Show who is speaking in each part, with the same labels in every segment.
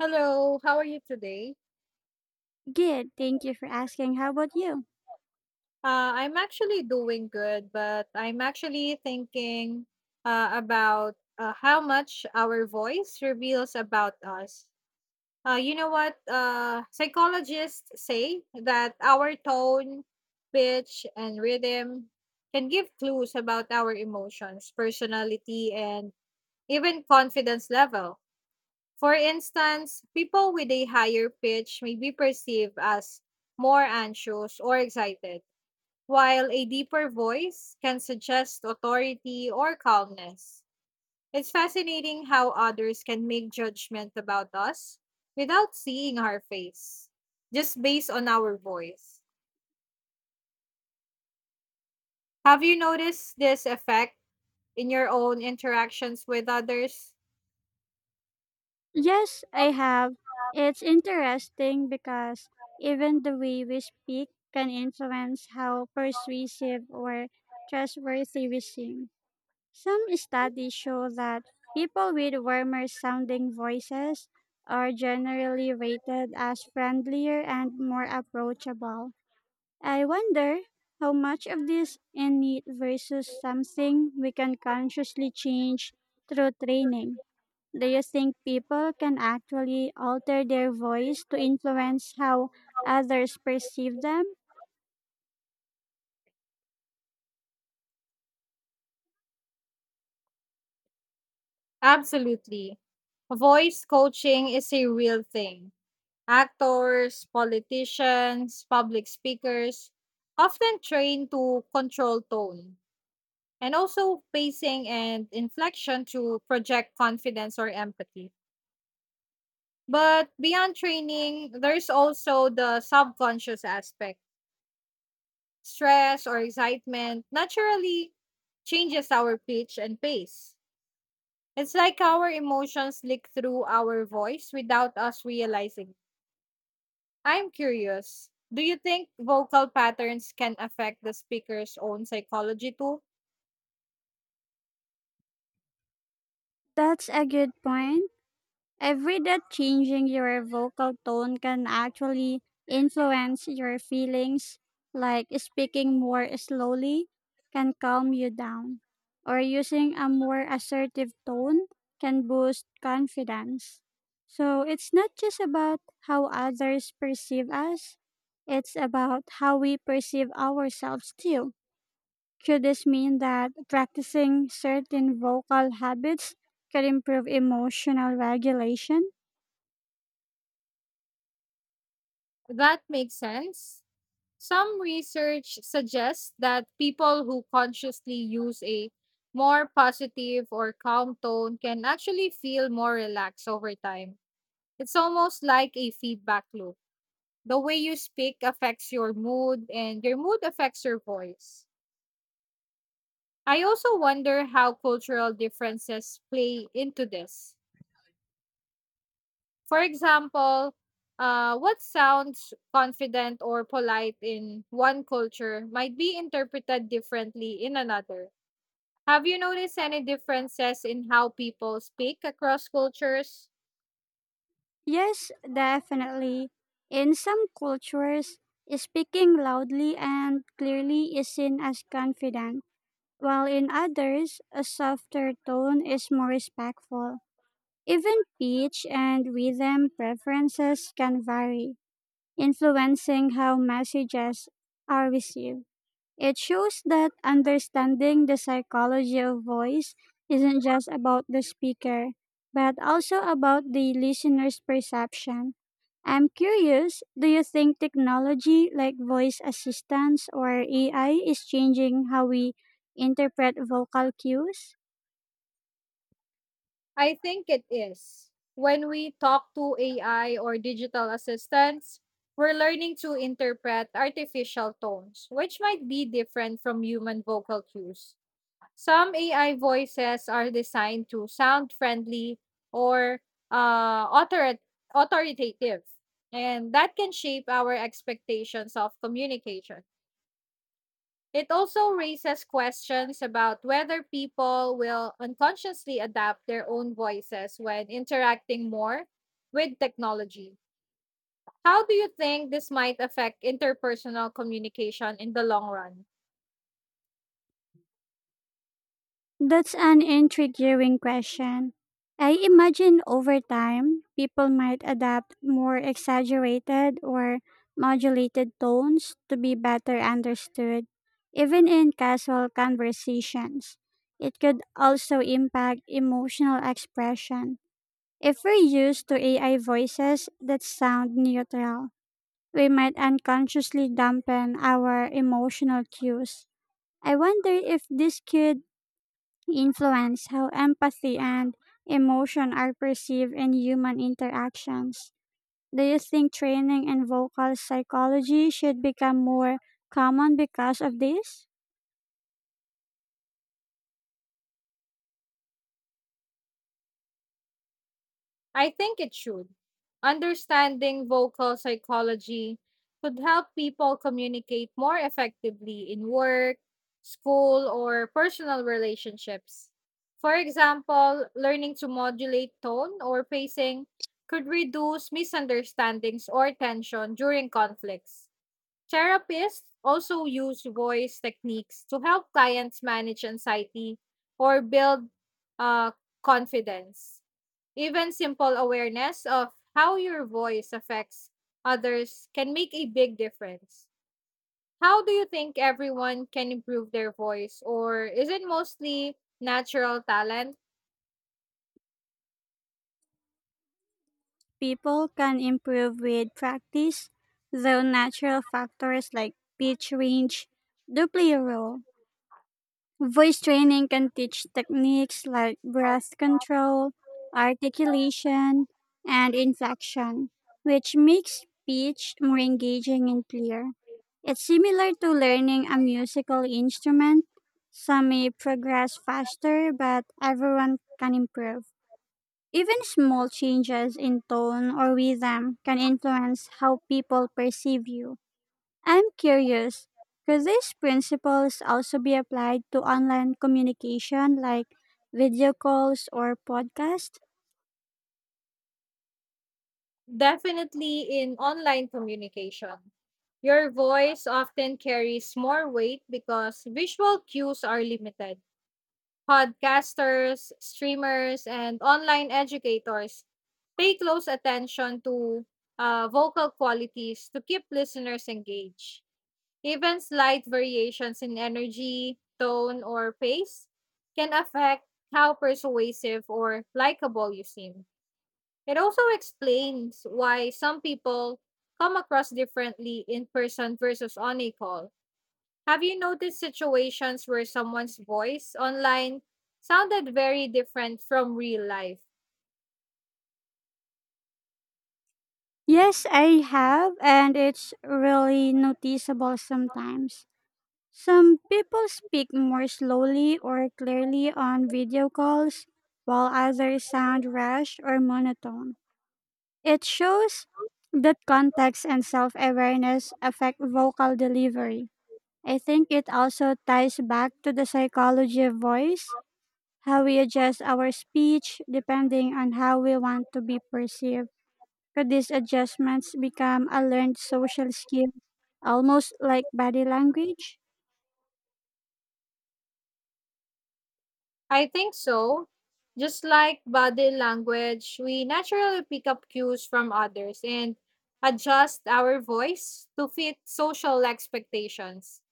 Speaker 1: Hello, how are you today?
Speaker 2: Good, thank you for asking. How about you?
Speaker 1: I'm actually doing good, but I'm actually thinking about how much our voice reveals about us. You know what? Psychologists say that our tone, pitch, and rhythm can give clues about our emotions, personality, and even confidence level. For instance, people with a higher pitch may be perceived as more anxious or excited, while a deeper voice can suggest authority or calmness. It's fascinating how others can make judgment about us without seeing our face, just based on our voice. Have you noticed this effect in your own interactions with others?
Speaker 2: Yes, I have. It's interesting because even the way we speak can influence how persuasive or trustworthy we seem. Some studies show that people with warmer sounding voices are generally rated as friendlier and more approachable. I wonder how much of this innate versus something we can consciously change through training. Do you think people can actually alter their voice to influence how others perceive them?
Speaker 1: Absolutely. Voice coaching is a real thing. Actors, politicians, public speakers often train to control tone and also pacing and inflection to project confidence or empathy. But beyond training, there's also the subconscious aspect. Stress or excitement naturally changes our pitch and pace. It's like our emotions leak through our voice without us realizing. I'm curious. Do you think vocal patterns can affect the speaker's own psychology too?
Speaker 2: That's a good point. I've read that changing your vocal tone can actually influence your feelings, like speaking more slowly can calm you down, or using a more assertive tone can boost confidence. So it's not just about how others perceive us, it's about how we perceive ourselves too. Could this mean that practicing certain vocal habits could improve emotional regulation?
Speaker 1: That makes sense. Some research suggests that people who consciously use a more positive or calm tone can actually feel more relaxed over time. It's almost like a feedback loop. The way you speak affects your mood, and your mood affects your voice. I also wonder how cultural differences play into this. For example, what sounds confident or polite in one culture might be interpreted differently in another. Have you noticed any differences in how people speak across cultures?
Speaker 2: Yes, definitely. In some cultures, speaking loudly and clearly is seen as confident, while in others, a softer tone is more respectful. Even pitch and rhythm preferences can vary, influencing how messages are received. It shows that understanding the psychology of voice isn't just about the speaker, but also about the listener's perception. I'm curious, do you think technology like voice assistants or AI is changing how we interpret vocal cues?
Speaker 1: I think it is. When we talk to AI or digital assistants, we're learning to interpret artificial tones, which might be different from human vocal cues. Some AI voices are designed to sound friendly or uh, author- authoritative, and that can shape our expectations of communication. It also raises questions about whether people will unconsciously adapt their own voices when interacting more with technology. How do you think this might affect interpersonal communication in the long run?
Speaker 2: That's an intriguing question. I imagine over time, people might adapt more exaggerated or modulated tones to be better understood, even in casual conversations. It could also impact emotional expression. If we're used to AI voices that sound neutral, we might unconsciously dampen our emotional cues. I wonder if this could influence how empathy and emotion are perceived in human interactions. Do you think training in vocal psychology should become more common because of this?
Speaker 1: I think it should. Understanding vocal psychology could help people communicate more effectively in work, school, or personal relationships. For example, learning to modulate tone or pacing could reduce misunderstandings or tension during conflicts. Therapists also use voice techniques to help clients manage anxiety or build uh, confidence. Even simple awareness of how your voice affects others can make a big difference. How do you think everyone can improve their voice, or is it mostly natural talent?
Speaker 2: People can improve with practice, though natural factors like pitch range do play a role. Voice training can teach techniques like breath control, articulation, and inflection, which makes speech more engaging and clear. It's similar to learning a musical instrument. Some may progress faster, but everyone can improve. Even small changes in tone or rhythm can influence how people perceive you. I'm curious, could these principles also be applied to online communication like video calls or podcasts?
Speaker 1: Definitely in online communication. Your voice often carries more weight because visual cues are limited. Podcasters, streamers, and online educators pay close attention to vocal qualities to keep listeners engaged. Even slight variations in energy, tone, or pace can affect how persuasive or likable you seem. It also explains why some people come across differently in person versus on a call. Have you noticed situations where someone's voice online sounded very different from real life?
Speaker 2: Yes, I have, and it's really noticeable sometimes. Some people speak more slowly or clearly on video calls, while others sound rash or monotone. It shows that context and self awareness affect vocal delivery. I think it also ties back to the psychology of voice, how we adjust our speech depending on how we want to be perceived. Could these adjustments become a learned social skill, almost like body language?
Speaker 1: I think so. Just like body language, we naturally pick up cues from others and adjust our voice to fit social expectations.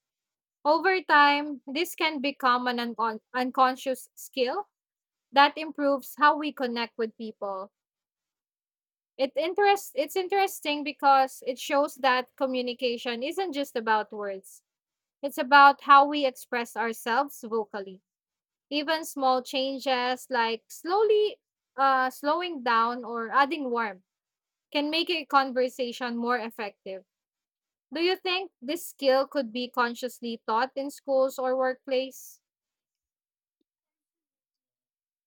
Speaker 1: Over time, this can become an unconscious skill that improves how we connect with people. It's interesting because it shows that communication isn't just about words. It's about how we express ourselves vocally. Even small changes like slowly slowing down or adding warmth can make a conversation more effective. Do you think this skill could be consciously taught in schools or workplace?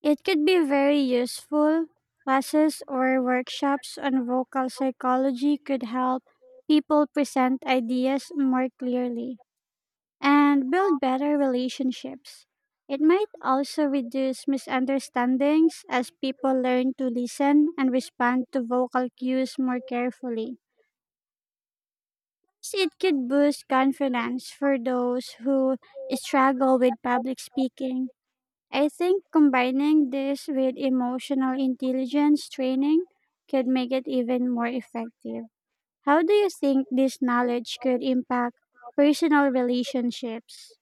Speaker 2: It could be very useful. Classes or workshops on vocal psychology could help people present ideas more clearly and build better relationships. It might also reduce misunderstandings as people learn to listen and respond to vocal cues more carefully. It could boost confidence for those who struggle with public speaking. I think combining this with emotional intelligence training could make it even more effective. How do you think this knowledge could impact personal relationships?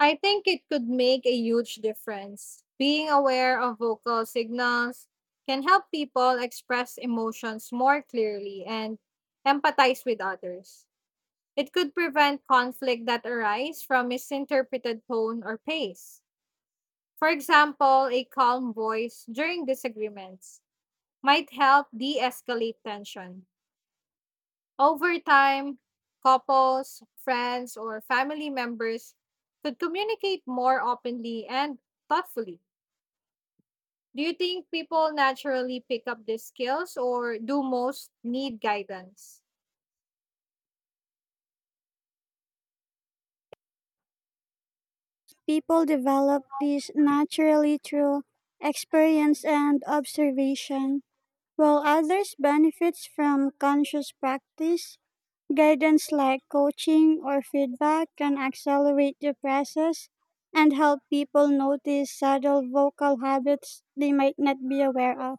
Speaker 1: I think it could make a huge difference. Being aware of vocal signals can help people express emotions more clearly and empathize with others. It could prevent conflict that arise from misinterpreted tone or pace. For example, a calm voice during disagreements might help de escalate tension. Over time, couples, friends, or family members could communicate more openly and thoughtfully. Do you think people naturally pick up these skills or do most need guidance?
Speaker 2: People develop these naturally through experience and observation, while others benefit from conscious practice. Guidance like coaching or feedback can accelerate the process and help people notice subtle vocal habits they might not be aware of.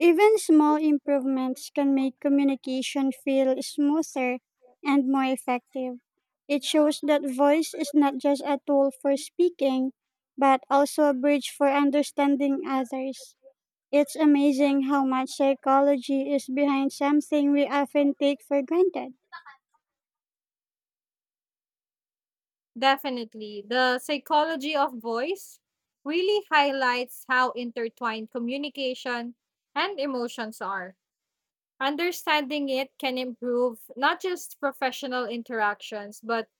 Speaker 2: Even small improvements can make communication feel smoother and more effective. It shows that voice is not just a tool for speaking, but also a bridge for understanding others. It's amazing how much psychology is behind something we often take for granted.
Speaker 1: Definitely. The psychology of voice really highlights how intertwined communication and emotions are. Understanding it can improve not just professional interactions, but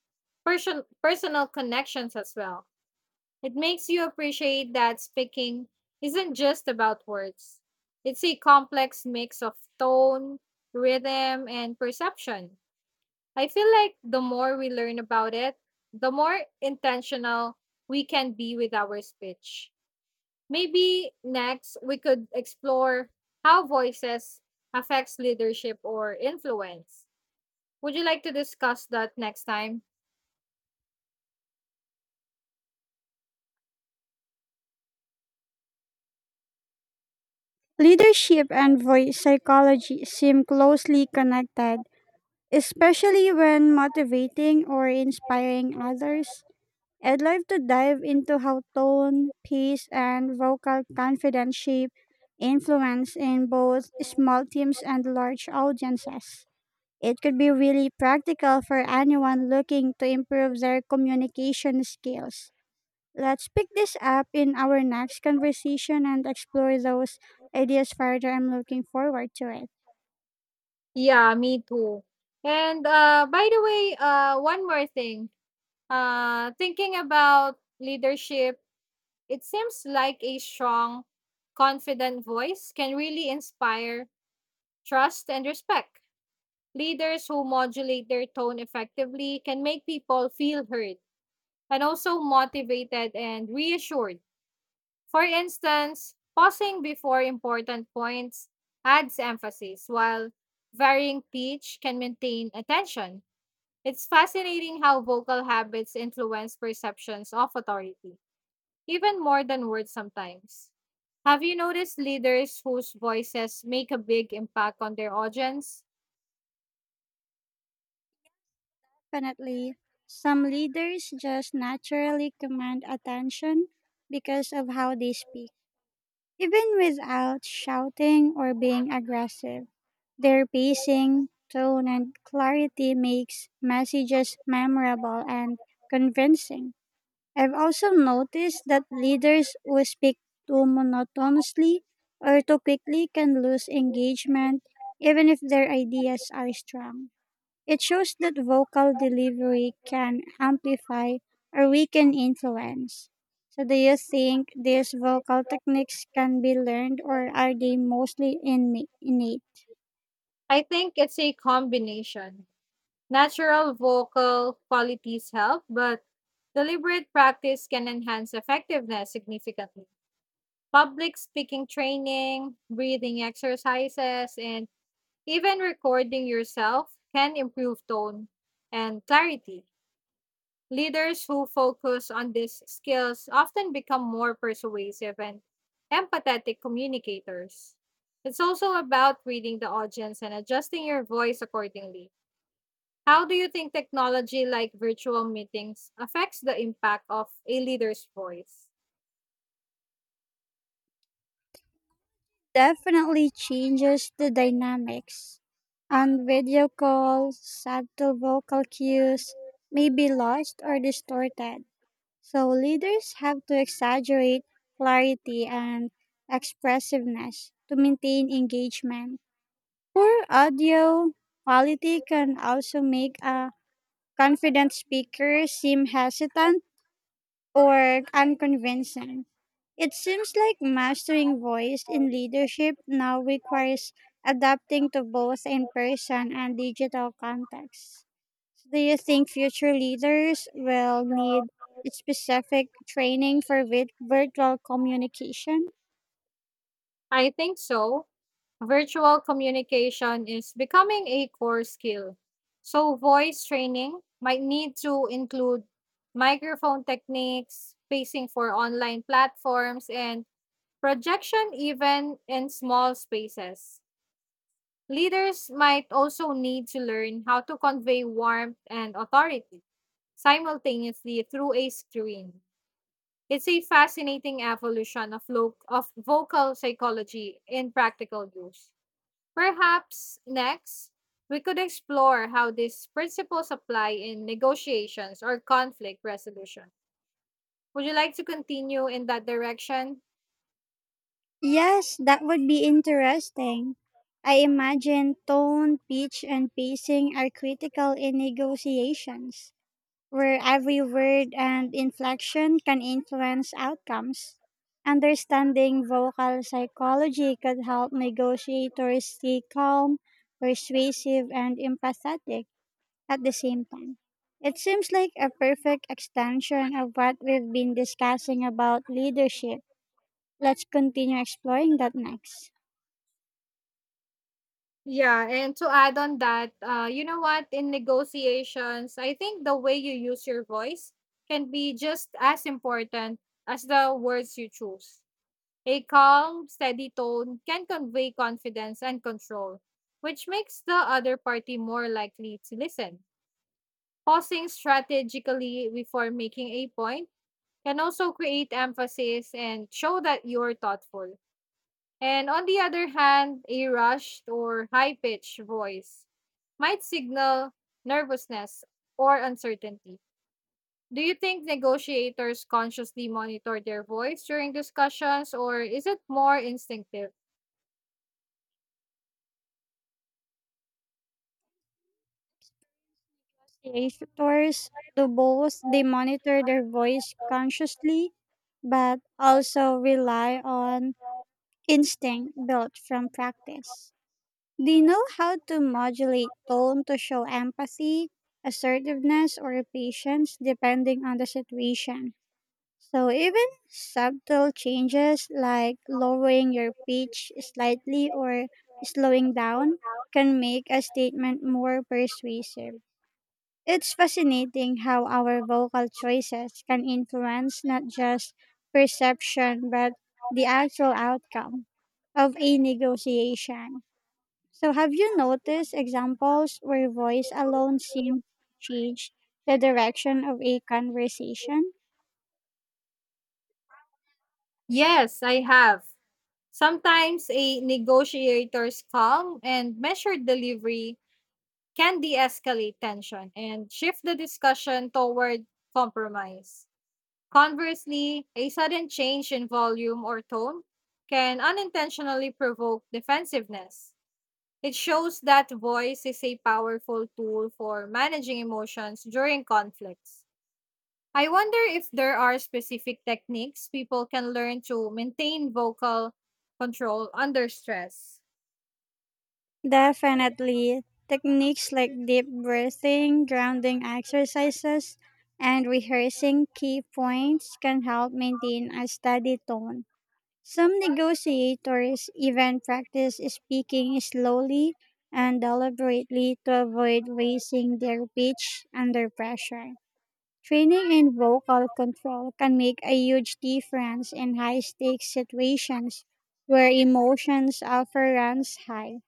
Speaker 1: personal connections as well. It makes you appreciate that speaking isn't just about words, it's a complex mix of tone, rhythm, and perception. I feel like the more we learn about it, the more intentional we can be with our speech. Maybe next we could explore how voices affects leadership or influence. Would you like to discuss that next time?
Speaker 2: Leadership and voice psychology seem closely connected, especially when motivating or inspiring others. I'd love to dive into how tone, pace, and vocal confidence shape influence in both small teams and large audiences. It could be really practical for anyone looking to improve their communication skills. Let's pick this up in our next conversation and explore those ideas further. I'm looking forward to it.
Speaker 1: Yeah, me too. And by the way, one more thing. Thinking about leadership, it seems like a strong, confident voice can really inspire trust and respect. Leaders who modulate their tone effectively can make people feel heard and also motivated and reassured. For instance, pausing before important points adds emphasis, while varying pitch can maintain attention. It's fascinating how vocal habits influence perceptions of authority, even more than words sometimes. Have you noticed leaders whose voices make a big impact on their audience?
Speaker 2: Definitely, some leaders just naturally command attention because of how they speak. Even without shouting or being aggressive, their pacing, tone, and clarity makes messages memorable and convincing. I've also noticed that leaders who speak too monotonously or too quickly can lose engagement even if their ideas are strong. It shows that vocal delivery can amplify or weaken influence. So, do you think these vocal techniques can be learned or are they mostly innate?
Speaker 1: I think it's a combination. Natural vocal qualities help, but deliberate practice can enhance effectiveness significantly. Public speaking training, breathing exercises, and even recording yourself can improve tone and clarity. Leaders who focus on these skills often become more persuasive and empathetic communicators. It's also about reading the audience and adjusting your voice accordingly. How do you think technology like virtual meetings affects the impact of a leader's voice?
Speaker 2: Definitely changes the dynamics. On video calls, subtle vocal cues may be lost or distorted. So, leaders have to exaggerate clarity and expressiveness to maintain engagement. Poor audio quality can also make a confident speaker seem hesitant or unconvincing. It seems like mastering voice in leadership now requires adapting to both in person and digital contexts. Do you think future leaders will need specific training for virtual communication?
Speaker 1: I think so. Virtual communication is becoming a core skill. So, voice training might need to include microphone techniques, spacing for online platforms, and projection even in small spaces. Leaders might also need to learn how to convey warmth and authority simultaneously through a screen. It's a fascinating evolution of, of vocal psychology in practical use. Perhaps next, we could explore how these principles apply in negotiations or conflict resolution. Would you like to continue in that direction?
Speaker 2: Yes, that would be interesting. I imagine tone, pitch, and pacing are critical in negotiations, where every word and inflection can influence outcomes. Understanding vocal psychology could help negotiators stay calm, persuasive, and empathetic at the same time. It seems like a perfect extension of what we've been discussing about leadership. Let's continue exploring that next.
Speaker 1: Yeah, and to add on that, you know what? In negotiations, I think the way you use your voice can be just as important as the words you choose. A calm, steady tone can convey confidence and control, which makes the other party more likely to listen. Pausing strategically before making a point can also create emphasis and show that you're thoughtful. And on the other hand, a rushed or high pitched voice might signal nervousness or uncertainty. Do you think negotiators consciously monitor their voice during discussions, or is it more instinctive?
Speaker 2: Creators do both. They monitor their voice consciously but also rely on instinct built from practice. They know how to modulate tone to show empathy, assertiveness, or patience depending on the situation. So, even subtle changes like lowering your pitch slightly or slowing down can make a statement more persuasive. It's fascinating how our vocal choices can influence not just perception but the actual outcome of a negotiation. So, have you noticed examples where voice alone seems to change the direction of a conversation?
Speaker 1: Yes, I have. Sometimes a negotiator's calm and measured delivery can de escalate tension and shift the discussion toward compromise. Conversely, a sudden change in volume or tone can unintentionally provoke defensiveness. It shows that voice is a powerful tool for managing emotions during conflicts. I wonder if there are specific techniques people can learn to maintain vocal control under stress.
Speaker 2: Definitely. Techniques like deep breathing, grounding exercises, and rehearsing key points can help maintain a steady tone. Some negotiators even practice speaking slowly and deliberately to avoid raising their pitch under pressure. Training in vocal control can make a huge difference in high stakes situations where emotions often runs high.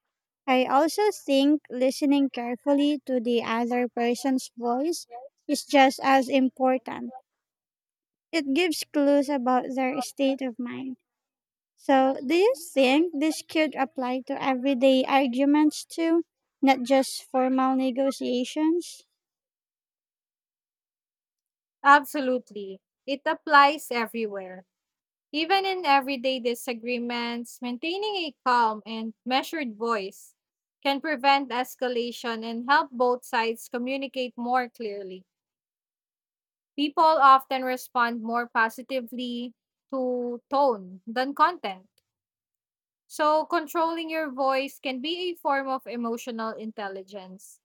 Speaker 2: I also think listening carefully to the other person's voice is just as important. It gives clues about their state of mind. So, do you think this could apply to everyday arguments too, not just formal negotiations?
Speaker 1: Absolutely. It applies everywhere. Even in everyday disagreements, maintaining a calm and measured voice can prevent escalation and help both sides communicate more clearly. People often respond more positively to tone than content. So, controlling your voice can be a form of emotional intelligence.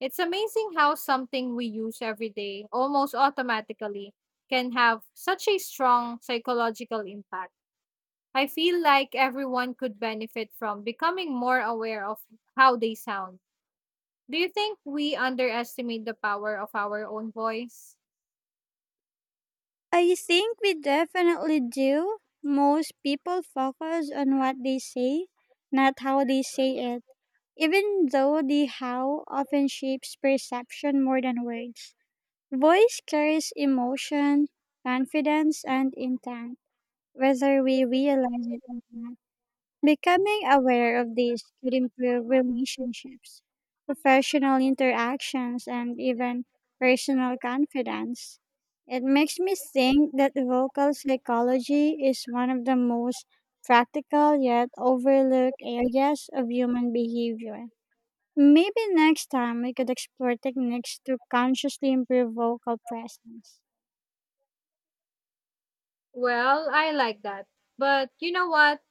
Speaker 1: It's amazing how something we use every day, almost automatically, can have such a strong psychological impact. I feel like everyone could benefit from becoming more aware of how they sound. Do you think we underestimate the power of our own voice?
Speaker 2: I think we definitely do. Most people focus on what they say, not how they say it, even though the how often shapes perception more than words. Voice carries emotion, confidence, and intent, whether we realize it or not. Becoming aware of this could improve relationships, professional interactions, and even personal confidence. It makes me think that vocal psychology is one of the most practical yet overlooked areas of human behavior. Maybe next time we could explore techniques to consciously improve vocal presence.
Speaker 1: Well, I like that. But you know what?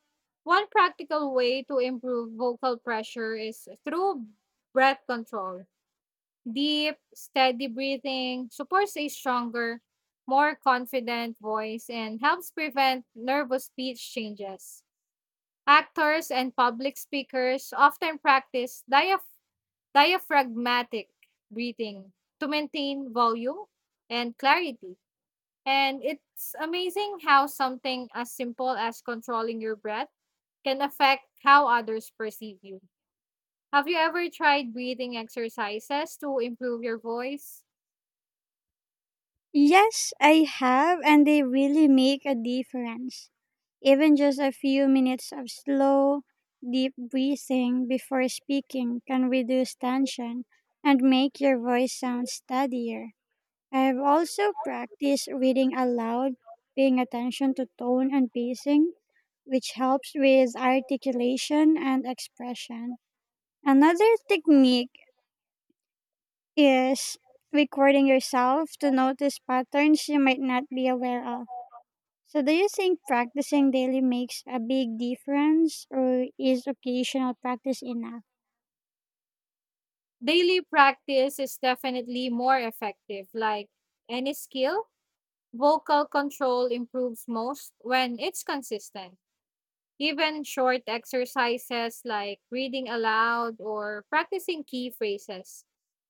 Speaker 1: One practical way to improve vocal pressure is through breath control. Deep, steady breathing supports a stronger, more confident voice and helps prevent nervous speech changes. Actors and public speakers often practice diaphragmatic breathing to maintain volume and clarity. And it's amazing how something as simple as controlling your breath can affect how others perceive you. Have you ever tried breathing exercises to improve your voice?
Speaker 2: Yes, I have, and they really make a difference. Even just a few minutes of slow, deep breathing before speaking can reduce tension and make your voice sound steadier. I have also practiced reading aloud, paying attention to tone and pacing, which helps with articulation and expression. Another technique is recording yourself to notice patterns you might not be aware of. So, do you think practicing daily makes a big difference, or is occasional practice enough?
Speaker 1: Daily practice is definitely more effective. Like any skill, vocal control improves most when it's consistent. Even short exercises like reading aloud or practicing key phrases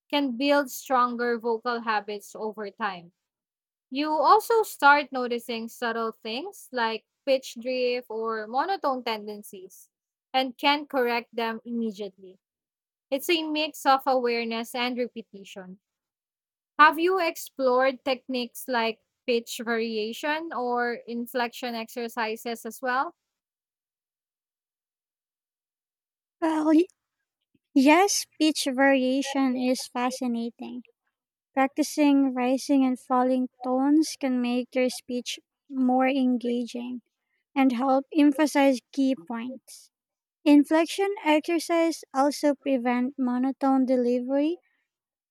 Speaker 1: can build stronger vocal habits over time. You also start noticing subtle things like pitch drift or monotone tendencies and can correct them immediately. It's a mix of awareness and repetition. Have you explored techniques like pitch variation or inflection exercises as well?
Speaker 2: Well, yes, pitch variation is fascinating. Practicing rising and falling tones can make your speech more engaging and help emphasize key points. Inflection exercise also prevent monotone delivery,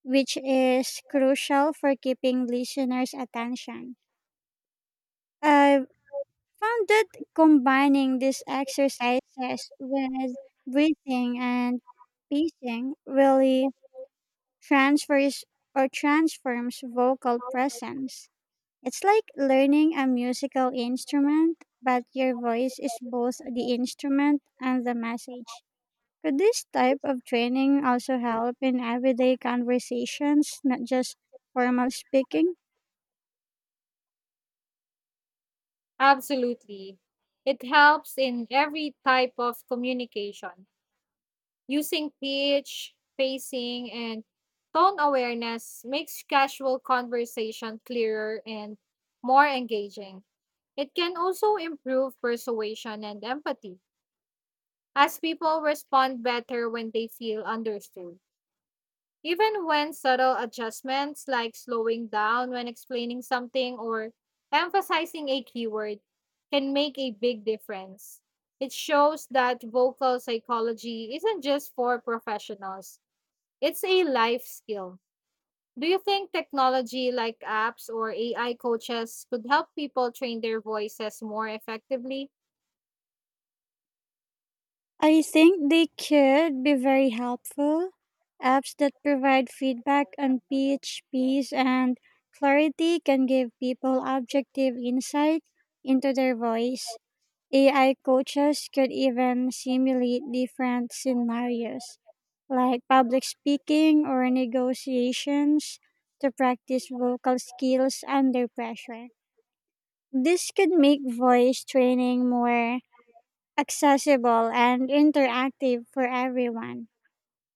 Speaker 2: which is crucial for keeping listeners' attention. I've found that combining these exercises with breathing and pacing really transfers or transforms vocal presence. It's like learning a musical instrument, but your voice is both the instrument and the message. Could this type of training also help in everyday conversations, not just formal speaking?
Speaker 1: Absolutely. It helps in every type of communication. Using pitch, pacing, and tone awareness makes casual conversation clearer and more engaging. It can also improve persuasion and empathy, as people respond better when they feel understood. Even when subtle adjustments like slowing down when explaining something or emphasizing a keyword can make a big difference. It shows that vocal psychology isn't just for professionals, it's a life skill. Do you think technology like apps or AI coaches could help people train their voices more effectively?
Speaker 2: I think they could be very helpful. Apps that provide feedback on pitch, pace, and clarity can give people objective insight into their voice. AI coaches could even simulate different scenarios, like public speaking or negotiations, to practice vocal skills under pressure. This could make voice training more accessible and interactive for everyone.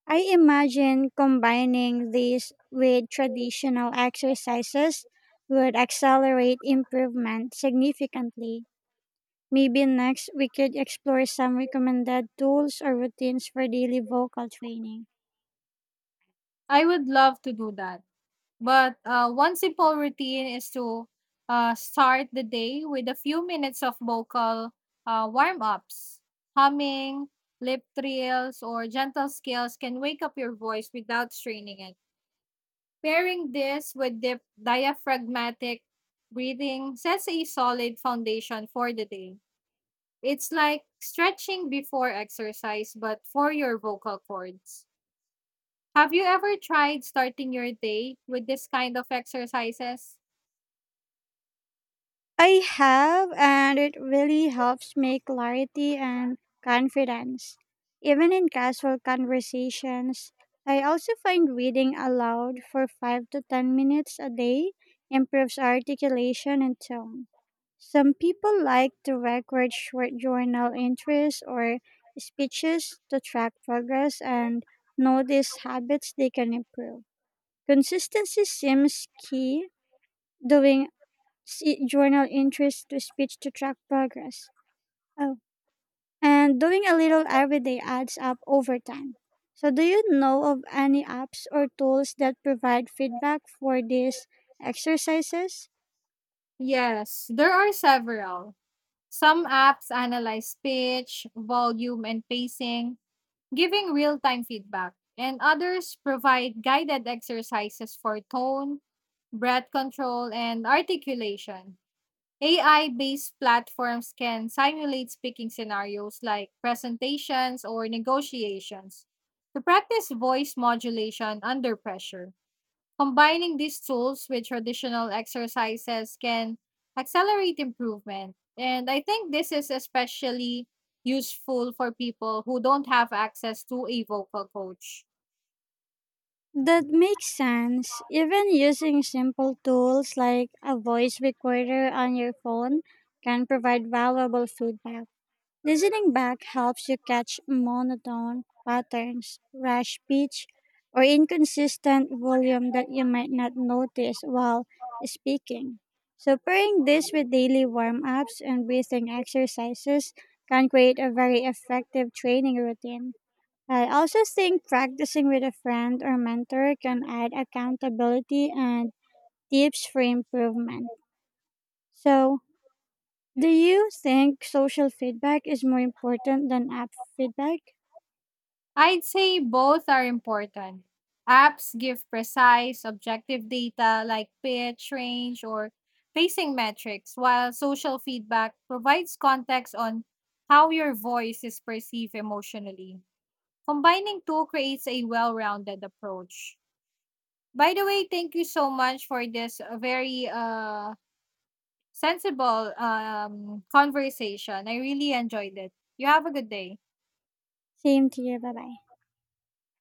Speaker 2: I imagine combining these with traditional exercises would accelerate improvement significantly. Maybe next we could explore some recommended tools or routines for daily vocal training.
Speaker 1: I would love to do that. But one simple routine is to start the day with a few minutes of vocal warm ups. Humming, lip trills, or gentle scales can wake up your voice without straining it. Pairing this with diaphragmatic breathing sets a solid foundation for the day. It's like stretching before exercise, but for your vocal cords. Have you ever tried starting your day with this kind of exercises?
Speaker 2: I have, and it really helps me clarity and confidence. Even in casual conversations, I also find reading aloud for 5 to 10 minutes a day improves articulation and tone. Some people like to record short journal entries or speeches to track progress and notice habits they can improve. Consistency seems key. Doing journal interest to speech to track progress. Oh, and doing a little every day adds up over time. So, do you know of any apps or tools that provide feedback for these exercises?
Speaker 1: Yes, there are several. Some apps analyze pitch, volume, and pacing, giving real time feedback, and others provide guided exercises for tone, breath control, and articulation. AI based platforms can simulate speaking scenarios like presentations or negotiations to practice voice modulation under pressure. Combining these tools with traditional exercises can accelerate improvement. And I think this is especially useful for people who don't have access to a vocal coach.
Speaker 2: That makes sense. Even using simple tools like a voice recorder on your phone can provide valuable feedback. Listening back helps you catch monotone patterns, rash pitch, or inconsistent volume that you might not notice while speaking. So, pairing this with daily warm ups and breathing exercises can create a very effective training routine. I also think practicing with a friend or mentor can add accountability and tips for improvement. So, do you think social feedback is more important than app feedback?
Speaker 1: I'd say both are important. Apps give precise, objective data like pitch, range, or pacing metrics, while social feedback provides context on how your voice is perceived emotionally. Combining two creates a well rounded approach. By the way, thank you so much for this very sensible conversation. I really enjoyed it. You have a good day.
Speaker 2: Same to you. Bye bye.